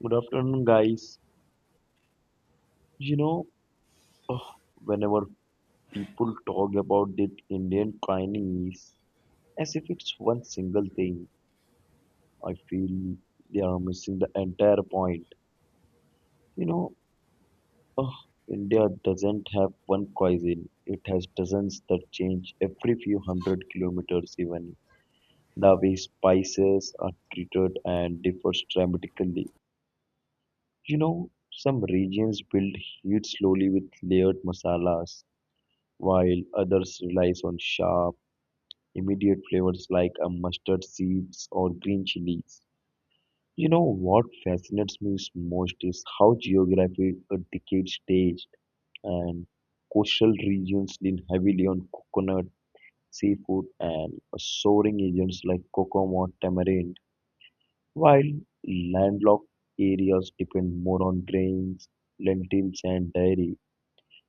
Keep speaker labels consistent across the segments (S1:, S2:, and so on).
S1: Good afternoon, guys. You know, ugh, Whenever people talk about the Indian kindness as if it's one single thing, I feel they are missing the entire point. You know, ugh, India doesn't have one cuisine. It has dozens that change every few hundred kilometers even. The way spices are treated and differs dramatically. You know, some regions build heat slowly with layered masalas while others relies on sharp, immediate flavors like a mustard seeds or green chilies. You know what fascinates me is most is how geography dictates taste, and coastal regions lean heavily on coconut, seafood, and soaring agents like cocoa or tamarind, while landlocked areas depend more on grains, lentils, and dairy.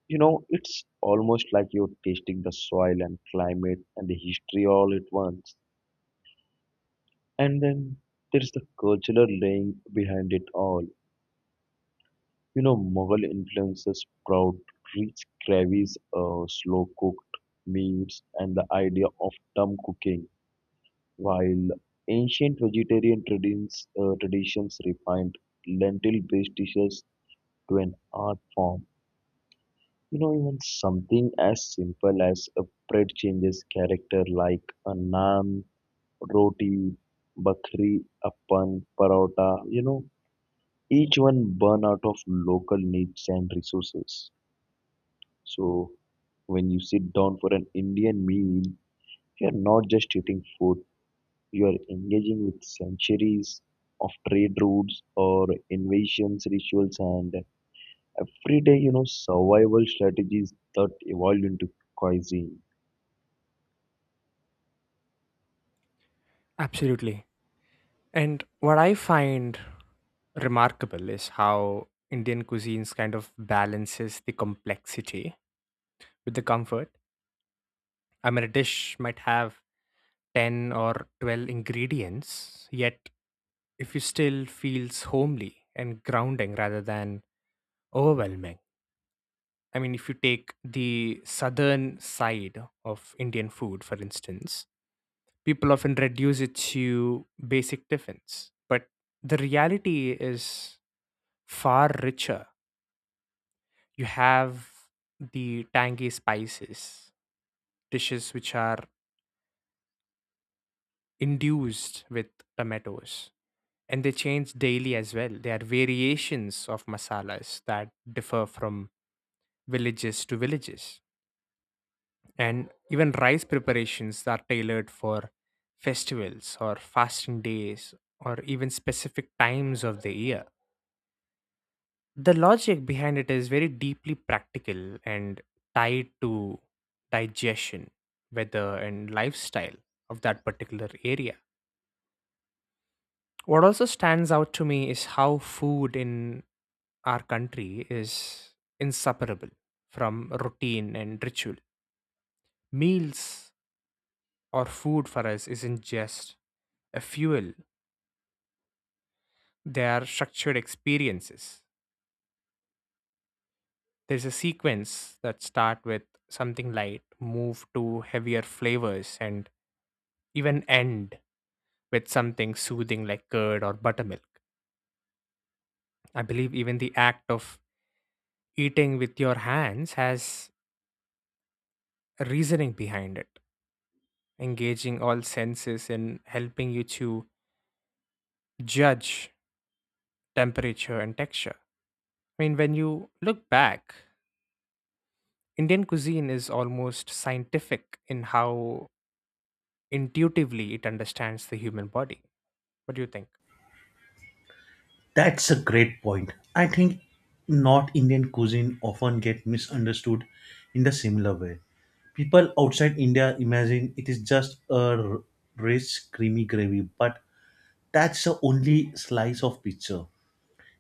S1: You know, it's almost like you're tasting the soil and climate and the history all at once. And then there's the cultural laying behind it all. You know, Mughal influences proud, rich gravies, slow cooked meats, and the idea of dum cooking, while ancient vegetarian traditions refined lentil based dishes to an art form. You know, even something as simple as a bread changes character like a naan, roti, bakri, appan, parota, you know, each one burn out of local needs and resources. So when you sit down for an Indian meal, you're not just eating food, you are engaging with centuries of trade routes or invasions, rituals, and everyday, you know, survival strategies that evolved into cuisine.
S2: Absolutely. And what I find remarkable is how Indian cuisines kind of balances the complexity with the comfort. I mean, a dish might have 10 or 12 ingredients, yet if you still feels homely and grounding rather than overwhelming. I mean, if you take the southern side of Indian food, for instance, people often reduce it to basic tiffins. But the reality is far richer. You have the tangy spices, dishes which are induced with tomatoes, and they change daily as well. There are variations of masalas that differ from villages to villages. And even rice preparations are tailored for festivals or fasting days or even specific times of the year. The logic behind it is very deeply practical and tied to digestion, weather, and lifestyle of that particular area. What also stands out to me is how food in our country is inseparable from routine and ritual. Meals or food for us isn't just a fuel. They are structured experiences. There's a sequence that start with something light, move to heavier flavors, and even end with something soothing like curd or buttermilk. I believe even the act of eating with your hands has a reasoning behind it, engaging all senses and helping you to judge temperature and texture. I mean, when you look back, Indian cuisine is almost scientific in how intuitively it understands the human body. What do you think?
S3: That's a great point. I think North Indian cuisine often get misunderstood in the similar way. People outside India imagine it is just a rich, creamy gravy, but that's the only slice of pizza.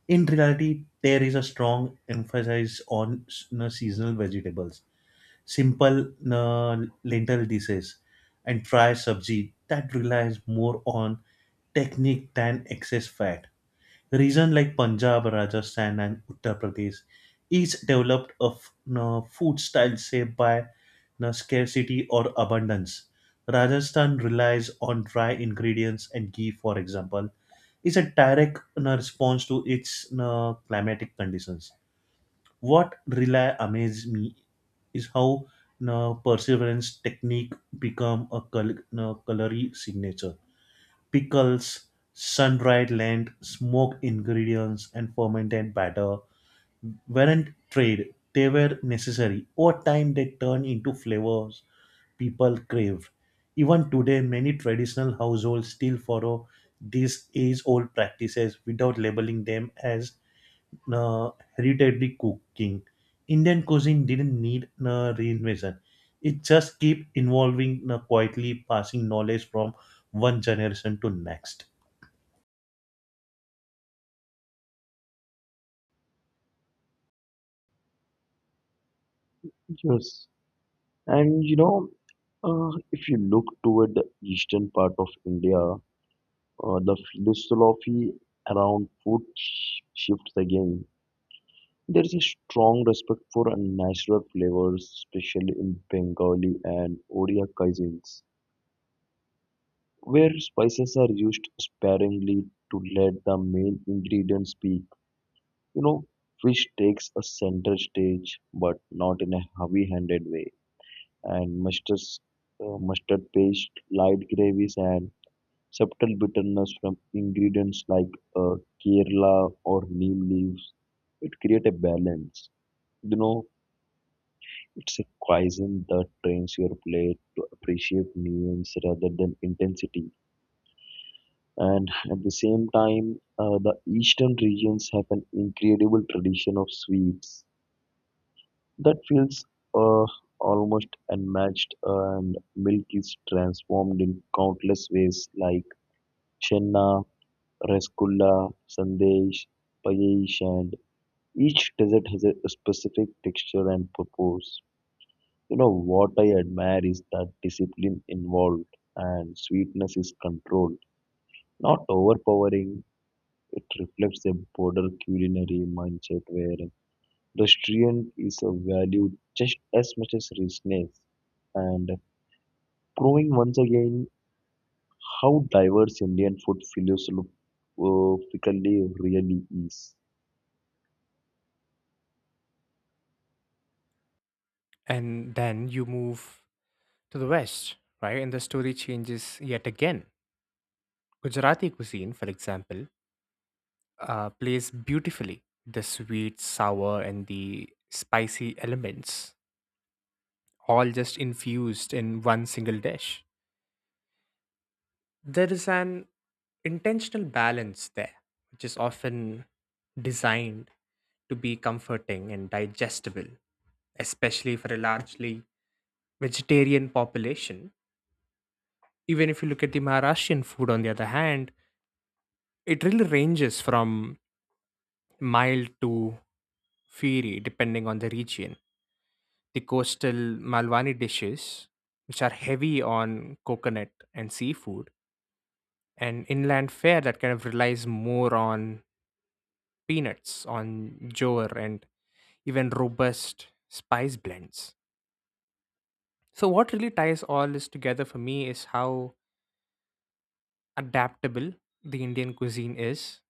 S3: In reality, there is a strong emphasis on s- na seasonal vegetables, simple na lentil dishes, and fried sabji that relies more on technique than excess fat. Region like Punjab, Rajasthan, and Uttar Pradesh each developed a f- no, food style shaped by no, scarcity or abundance. Rajasthan relies on dry ingredients and ghee, for example, is a direct response to its no, climatic conditions. What really amazed me is how no, perseverance technique become a col- no, culinary signature pickles, sun-dried lent, smoked ingredients, and fermented batter weren't trade. They were necessary. Over time, they turned into flavors people craved. Even today, many traditional households still follow these age-old practices without labeling them as uh, hereditary cooking. Indian cuisine didn't need reinvention. It just keep evolving quietly passing knowledge from one generation to next.
S1: Yes, and if you look toward the eastern part of India, the philosophy around food shifts again. There is a strong respect for natural flavors, especially in Bengali and Odia cuisines, where spices are used sparingly to let the main ingredients speak. You know, fish takes a center stage, but not in a heavy-handed way. And mustard paste, light gravies, and subtle bitterness from ingredients like uh, Kerala or neem leaves. It creates a balance. You know, it's a cuisine that trains your plate to appreciate nuance rather than intensity. And at the same time, the eastern regions have an incredible tradition of sweets that feels uh, almost unmatched, and milk is transformed in countless ways like chenna, rasgulla, sandesh, payesh, and each dessert has a specific texture and purpose. You know what I admire is that discipline involved and sweetness is controlled, not overpowering. It reflects a broader culinary mindset where restraint is valued just as much as richness, and proving once again how diverse Indian food philosophically really is.
S2: And then you move to the West, right? And the story changes yet again. Gujarati cuisine, for example, plays beautifully the sweet, sour, and the spicy elements, all just infused in one single dish. There is an intentional balance there, which is often designed to be comforting and digestible, especially for a largely vegetarian population. Even if you look at the Maharashtrian food, on the other hand, it really ranges from mild to fiery depending on the region. The coastal Malwani dishes, which are heavy on coconut and seafood, and inland fare that kind of relies more on peanuts, on jowar, and even robust spice blends. So, what really ties all this together for me is how adaptable the Indian cuisine is.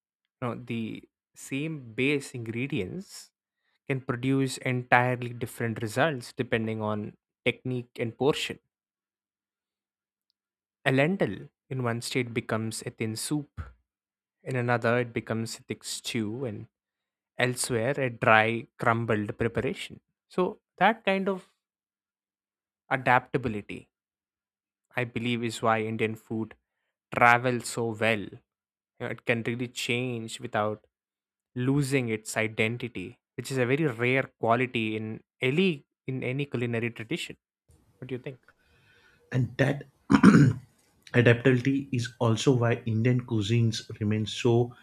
S2: You know, the same base ingredients can produce entirely different results depending on technique and portion. A lentil in one state becomes a thin soup, in another, it becomes a thick stew, and elsewhere, a dry, crumbled preparation. So, that kind of adaptability, I believe, is why Indian food travels so well. You know, it can really change without losing its identity, which is a very rare quality in any culinary tradition. What do you think?
S3: And that adaptability is also why Indian cuisines remain so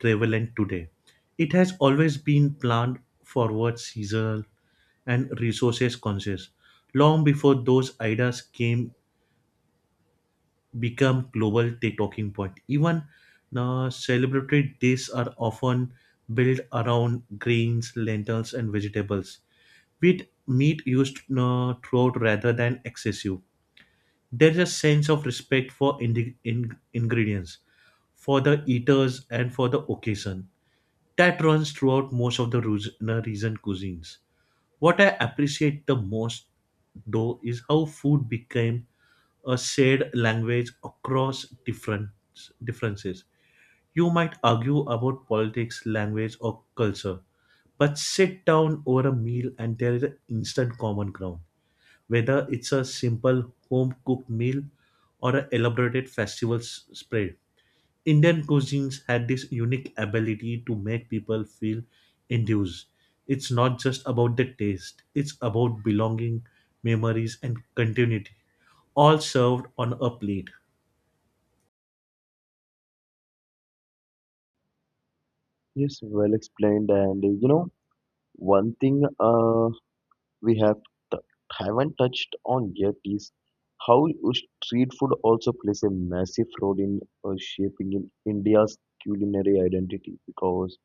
S3: prevalent today. It has always been planned forward, seasonal, and resources conscious long before those ideas came become global talking point. Even now, celebratory dishes are often built around grains, lentils, and vegetables, with meat used throughout rather than excessive there is a sense of respect for ingredients, for the eaters, and for the occasion that runs throughout most of the recent cuisines. What I appreciate the most, though, is how food became a shared language across different differences. You might argue about politics, language, or culture, but sit down over a meal and there is an instant common ground whether it's a simple home cooked meal or an elaborated festival spread. Indian cuisines had this unique ability to make people feel induced. It's not just about the taste, it's about belonging, memories, and continuity, all served on a plate.
S1: Yes, well explained. And you know, one thing we have t- haven't touched on yet is how street food also plays a massive role in shaping in India's culinary identity because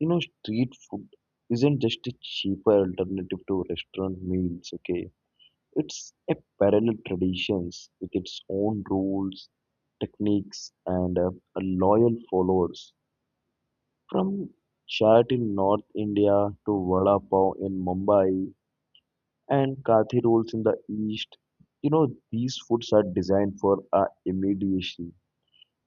S1: you know, street food isn't just a cheaper alternative to restaurant meals, okay? It's a parallel traditions with its own rules, techniques, and a loyal followers. From chaat in North India to vada pav in Mumbai and kathi rolls in the East, you know, these foods are designed for immediacy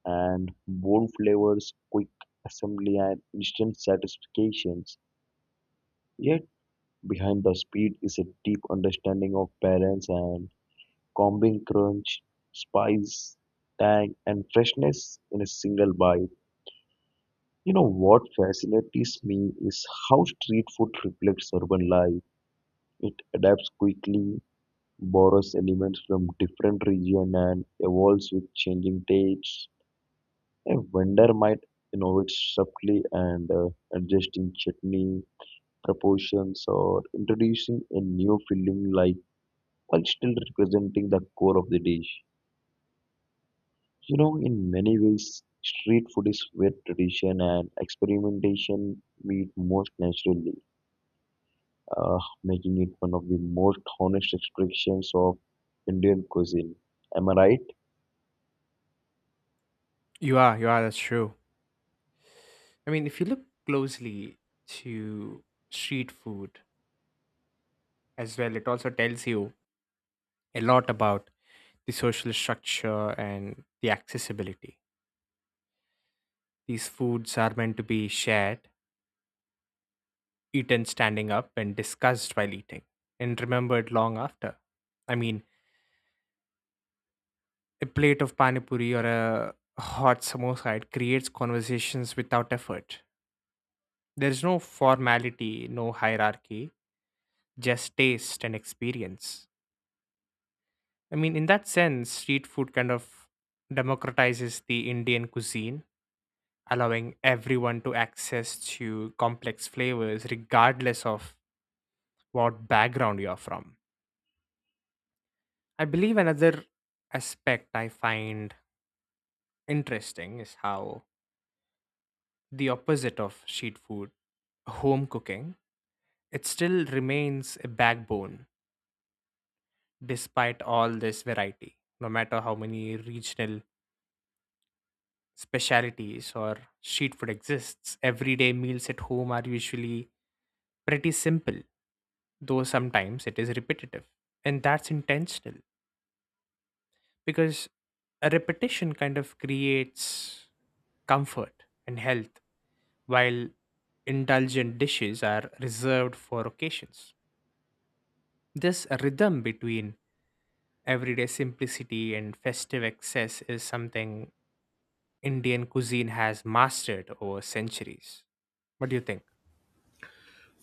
S1: and bold flavors, quick assembly, and instant satisfactions. Yet behind the speed is a deep understanding of balance and combing crunch, spice, tang, and freshness in a single bite. You know what fascinates me is how street food reflects urban life. It adapts quickly, borrows elements from different regions, and evolves with changing tastes. A vendor might innovate subtly and adjusting chutney proportions or introducing a new filling like while still representing the core of the dish. You know, in many ways, street food is where tradition and experimentation meet most naturally, making it one of the most honest expressions of Indian cuisine. Am I right?
S2: You are, that's true. I mean, if you look closely to street food as well, it also tells you a lot about the social structure and the accessibility. These foods are meant to be shared, eaten standing up, and discussed while eating, and remembered long after. I mean, a plate of panipuri or a hot samosa, it creates conversations without effort. There's no formality, no hierarchy, just taste and experience. I mean, in that sense, street food kind of democratizes the Indian cuisine, allowing everyone to access to complex flavors regardless of what background you're from. I believe another aspect I find interesting is how the opposite of street food, home cooking, it still remains a backbone despite all this variety, no matter how many regional specialities or street food exists. Everyday meals at home are usually pretty simple, though sometimes it is repetitive. And that's intentional because a repetition kind of creates comfort and health, while indulgent dishes are reserved for occasions. This rhythm between everyday simplicity and festive excess is something Indian cuisine has mastered over centuries. What do you think?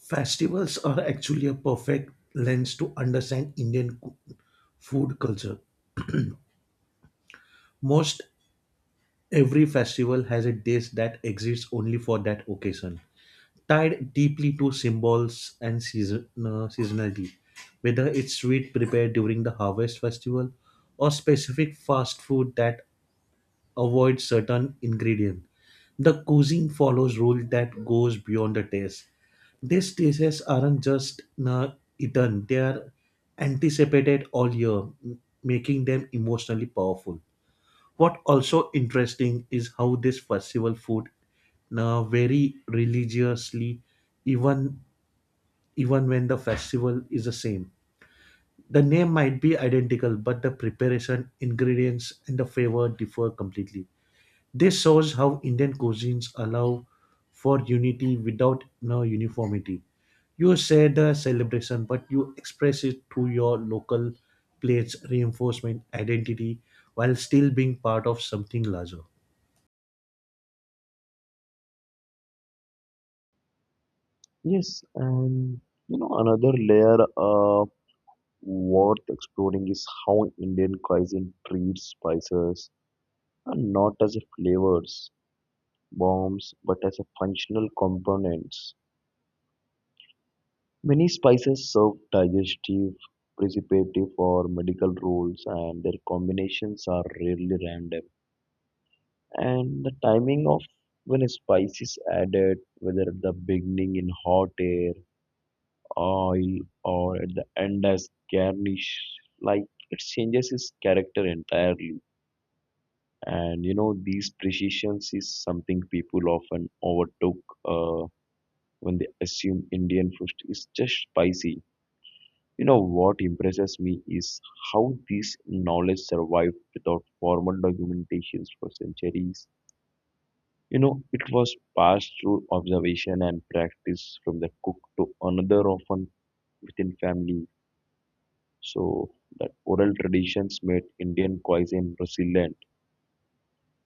S3: Festivals are actually a perfect lens to understand Indian food culture. Most every festival has a dish that exists only for that occasion tied deeply to symbols and seasonality, whether it's sweet prepared during the harvest festival or specific fast food that avoids certain ingredient. The cuisine follows rule that goes beyond the taste. These tastes aren't just eaten; they are anticipated all year, making them emotionally powerful. What also interesting is how this festival food now vary religiously even even when the festival is the same. The name might be identical, but the preparation, ingredients, and the flavor differ completely. This shows how Indian cuisines allow for unity without no uniformity. You share the celebration, but you express it through your local plates reinforcement identity while still being part of something larger.
S1: Yes, and you know, another layer worth exploring is how Indian cuisine treats spices, and not as a flavors bombs, but as a functional components. Many spices serve digestive, preservative, or medical roles, and their combinations are rarely random. And the timing of when a spice is added, whether at the beginning in hot air, oil, or at the end as garnish, like it changes its character entirely. And you know, these precisions is something people often overlook uh, when they assume Indian food is just spicy. You know what impresses me is how this knowledge survived without formal documentations for centuries. You know, it was passed through observation and practice from the cook to another, often within family. So that oral traditions made Indian cuisine resilient.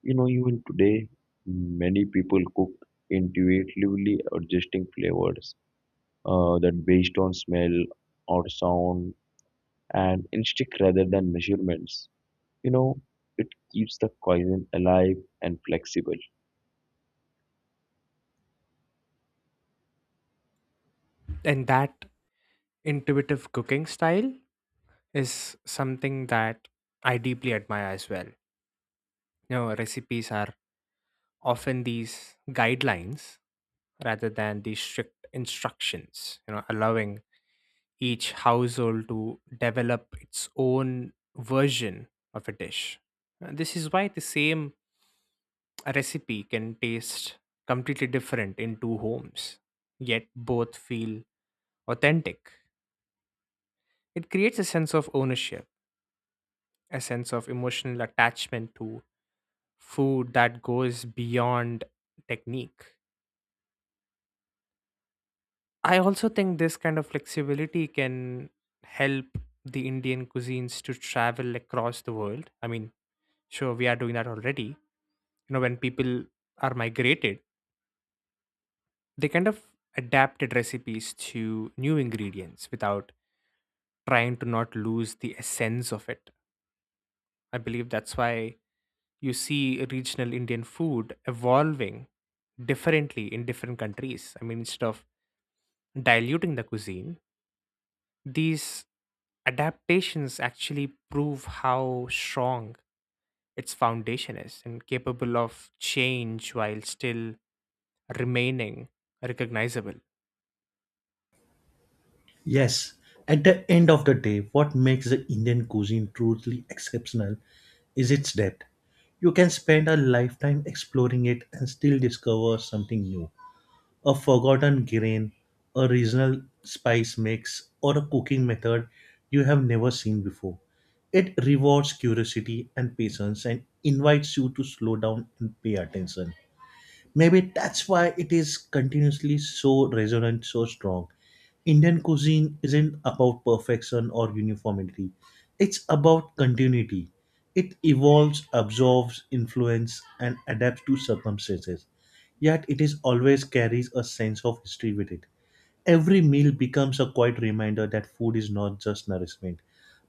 S1: You know, even today, many people cook intuitively, adjusting flavors that based on smell or sound and instinct rather than measurements. You know, it keeps the cuisine alive and flexible. You
S2: And that intuitive cooking style is something that I deeply admire as well. You know, recipes are often these guidelines rather than these strict instructions, you know, allowing each household to develop its own version of a dish. This is why the same recipe can taste completely different in two homes, yet both feel authentic. It creates a sense of ownership, a sense of emotional attachment to food that goes beyond technique. I also think this kind of flexibility can help the Indian cuisines to travel across the world. I mean, sure, we are doing that already. You know, when people are migrated, they kind of adapted recipes to new ingredients without trying to not lose the essence of it. I believe that's why you see regional Indian food evolving differently in different countries. I mean, instead of diluting the cuisine, these adaptations actually prove how strong its foundation is and capable of change while still remaining recognizable.
S3: Yes, at the end of the day, what makes the Indian cuisine truly exceptional is its depth. You can spend a lifetime exploring it and still discover something new. A forgotten grain, a regional spice mix, or a cooking method you have never seen before. It rewards curiosity and patience and invites you to slow down and pay attention. Maybe that's why it is continuously so resonant, so strong. Indian cuisine isn't about perfection or uniformity. It's about continuity. It evolves, absorbs influence, and adapts to circumstances. Yet it is always carries a sense of history with it. Every meal becomes a quiet reminder that food is not just nourishment,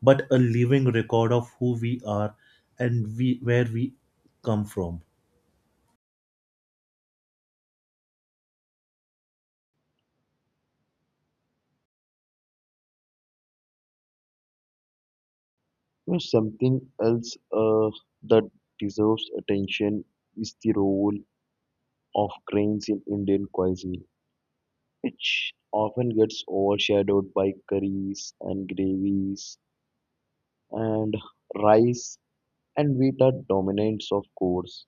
S3: but a living record of who we are and where we come from.
S1: know something else uh, that deserves attention is the role of grains in Indian cuisine, which often gets overshadowed by curries and gravies, and rice and wheat are dominants of course.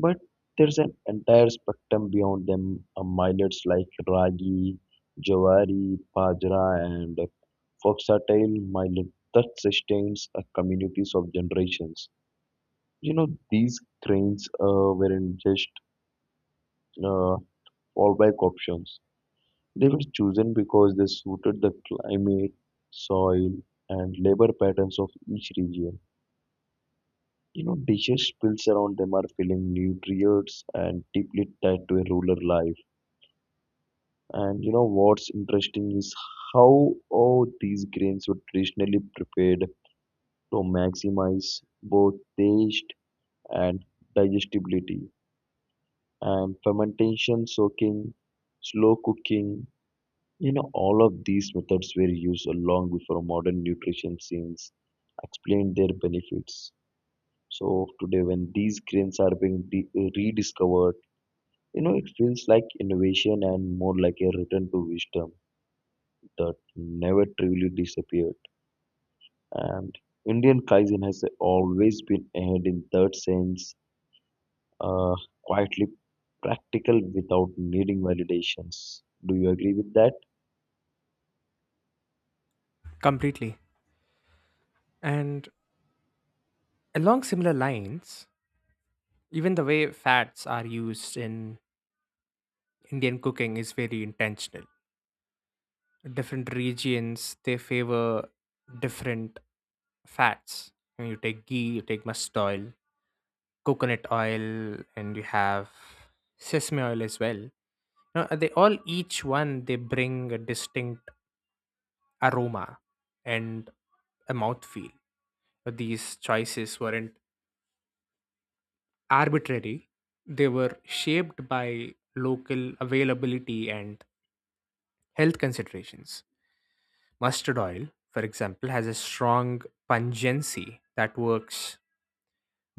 S1: But there's an entire spectrum beyond them, millets like ragi, jawari, bajra, and foxtail millet that sustains communities of generations. You know, these grains weren't just uh, fallback options. They were chosen because they suited the climate, soil, and labor patterns of each region. You know, dishes built around them are filling nutrients and deeply tied to a rural life. And you know what's interesting is how all these grains were traditionally prepared to maximize both taste and digestibility. And fermentation, soaking, slow cooking, you know, all of these methods were used long before modern nutrition science explained their benefits. So today, when these grains are being rediscovered, you know, it feels like innovation and more like a return to wisdom that never truly disappeared. And Indian cuisine has always been ahead in that sense, uh, quietly practical without needing validations. Do you agree with that?
S2: Completely. And along similar lines, even the way fats are used in Indian cooking is very intentional. Different regions they favor different fats. I mean, you take ghee, you take mustard oil, coconut oil, and you have sesame oil as well. Now they all, each one they bring a distinct aroma and a mouthfeel. But these choices weren't arbitrary; they were shaped by local availability and health considerations. Mustard oil, for example, has a strong pungency that works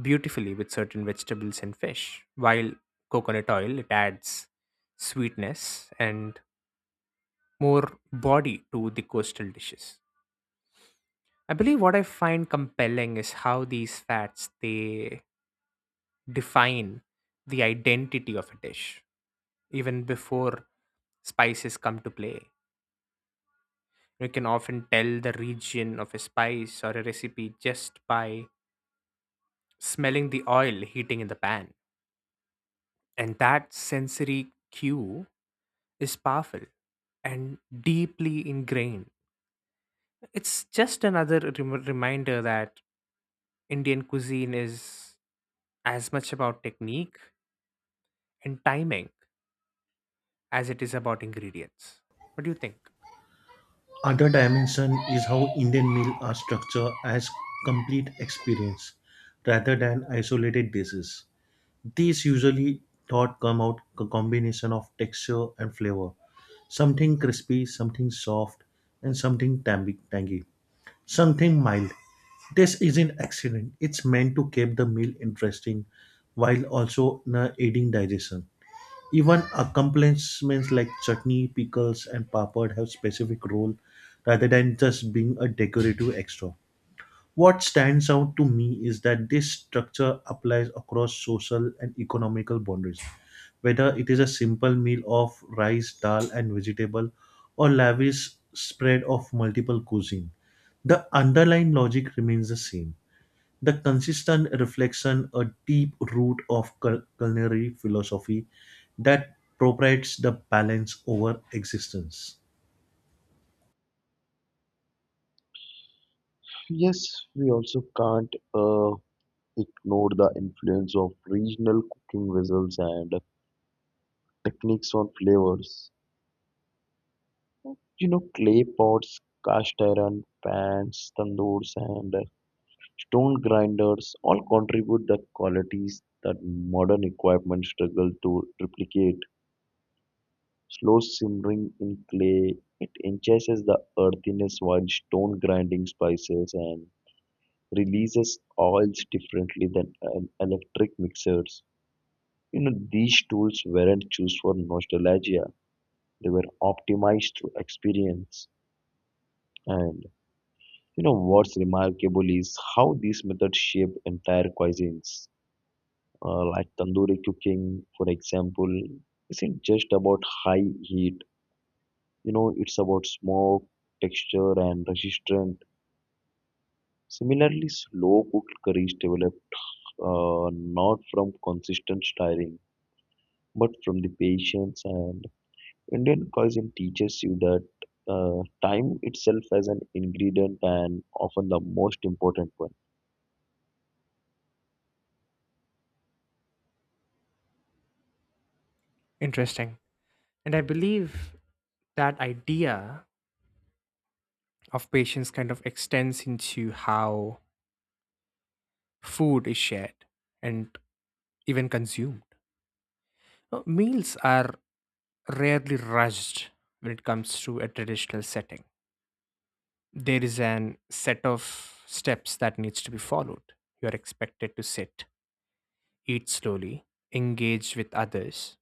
S2: beautifully with certain vegetables and fish, while coconut oil it adds sweetness and more body to the coastal dishes. I believe what I find compelling is how these fats they define the identity of a dish even before spices come to play. You can often tell the region of a spice or a recipe just by smelling the oil heating in the pan. And that sensory cue is powerful and deeply ingrained. It's just another reminder that Indian cuisine is as much about technique and timing as it is about ingredients. What do you think?
S3: Other dimension is how Indian meals are structured as complete experience rather than isolated dishes. These usually thought come out a combination of texture and flavor, something crispy, something soft, and something tangy, something mild. This isn't accident. It's meant to keep the meal interesting while also aiding digestion. Even accompaniments like chutney, pickles, and papad have specific role rather than just being a decorative extra. What stands out to me is that this structure applies across social and economical boundaries. Whether it is a simple meal of rice, dal, and vegetable, or lavish spread of multiple cuisine, the underlying logic remains the same. The consistent reflection a deep root of culinary philosophy that propriates the balance over existence.
S1: Yes, we also can't ignore the influence of regional cooking vessels and techniques on flavors. You know, clay pots, cast iron pans, tandoors, and stone grinders all contribute the qualities that modern equipment struggles to replicate. Slow simmering in clay, it enhances the earthiness while stone grinding spices and releases oils differently than electric mixers. You know, these tools weren't chosen for nostalgia. They were optimized to experience. And you know what's remarkable is how these methods shape entire cuisines, like tandoori cooking, for example, isn't just about high heat. You know, it's about smoke, texture, and resistance. Similarly, slow cooked curries develop not from consistent stirring, but from the patience. And Indian cuisine teaches you that time itself as an ingredient and often the most important one.
S2: Interesting. And I believe that idea of patience kind of extends into how food is shared and even consumed. Meals are rarely rushed when it comes to a traditional setting. There is an set of steps that needs to be followed. You are expected to sit, eat slowly, engage with others.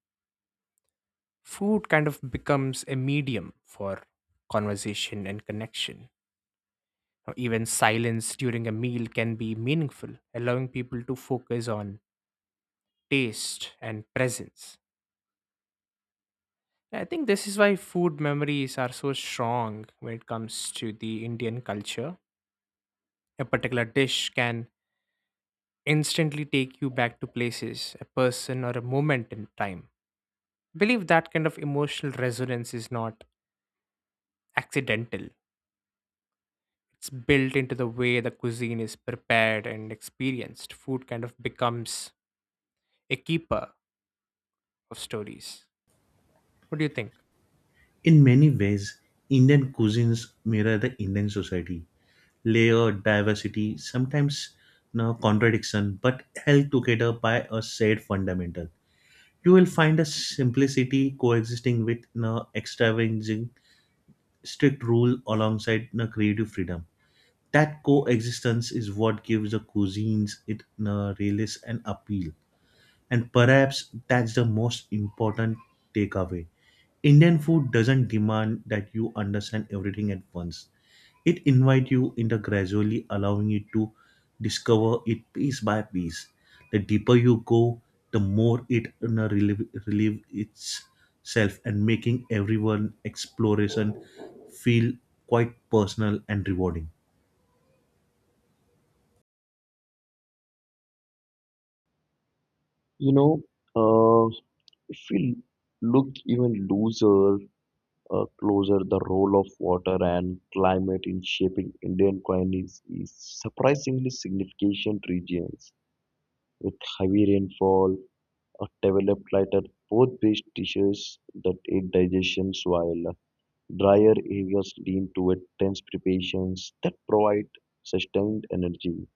S2: Food kind of becomes a medium for conversation and connection. Now, even silence during a meal can be meaningful, allowing people to focus on taste and presence. I think this is why food memories are so strong when it comes to the Indian culture. A particular dish can instantly take you back to places, a person, or a moment in time. I believe that kind of emotional resonance is not accidental. It's built into the way the cuisine is prepared and experienced. Food kind of becomes a keeper of stories. What do you think?
S3: In many ways, Indian cuisines mirror the Indian society. Layer diversity, sometimes no contradiction, but held together by a shared fundamental. You will find a simplicity coexisting with no extravagant strict rule alongside no creative freedom. That coexistence is what gives the cuisines it a realist and appeal. And perhaps that's the most important takeaway. Indian food doesn't demand that you understand everything at once. It invites you into gradually allowing you to discover it piece by piece. The deeper you go, the more it relieve itself and making everyone exploration feel quite personal and rewarding.
S1: You know, uh, if we look even looser closer, the role of water and climate in shaping Indian climate is surprisingly significant regions with heavy rainfall developed lighter both based dishes that aid digestion while drier areas lean toward dense preparations that provide sustained energy.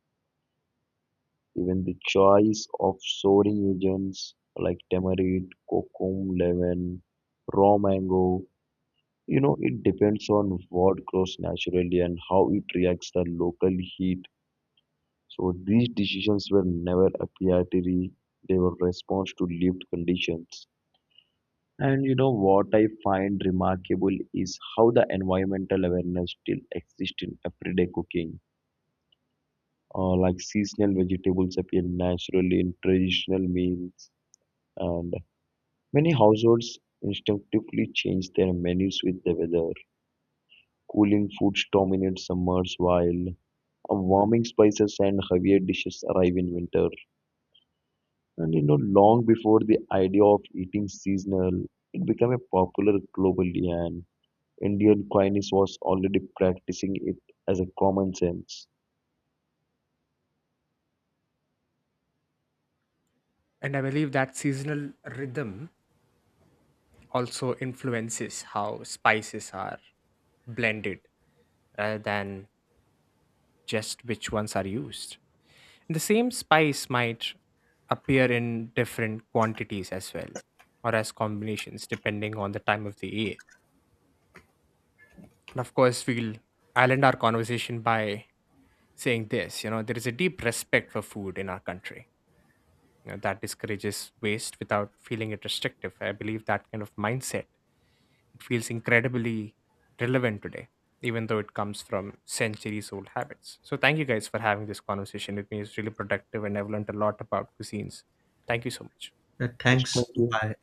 S1: Even the choice of souring agents like tamarind, cocoa, lemon, raw mango, you know, it depends on what grows naturally and how it reacts the local heat. So these decisions were never arbitrary; they were response to lived conditions. And you know what I find remarkable is how the environmental awareness still exists in everyday cooking. Like seasonal vegetables appear naturally in traditional meals, and many households instinctively change their menus with the weather. Cooling foods dominate summers, while warming spices and heavier dishes arrive in winter. And you know, long before the idea of eating seasonal, it became a popular globally, and Indian cuisine was already practicing it as a common sense.
S2: And I believe that seasonal rhythm also influences how spices are blended rather than just which ones are used. The same spice might appear in different quantities as well, or as combinations, depending on the time of the year. And of course, we'll I'll end our conversation by saying this, you know, there is a deep respect for food in our country, that discourages waste without feeling it restrictive. I believe that kind of mindset it feels incredibly relevant today, even though it comes from centuries old habits. So thank you guys for having this conversation with me. It's really productive and I've learned a lot about cuisines. Thank you so much.
S3: Yeah,
S1: Just like,
S3: thanks.
S1: yeah,
S3: Bye.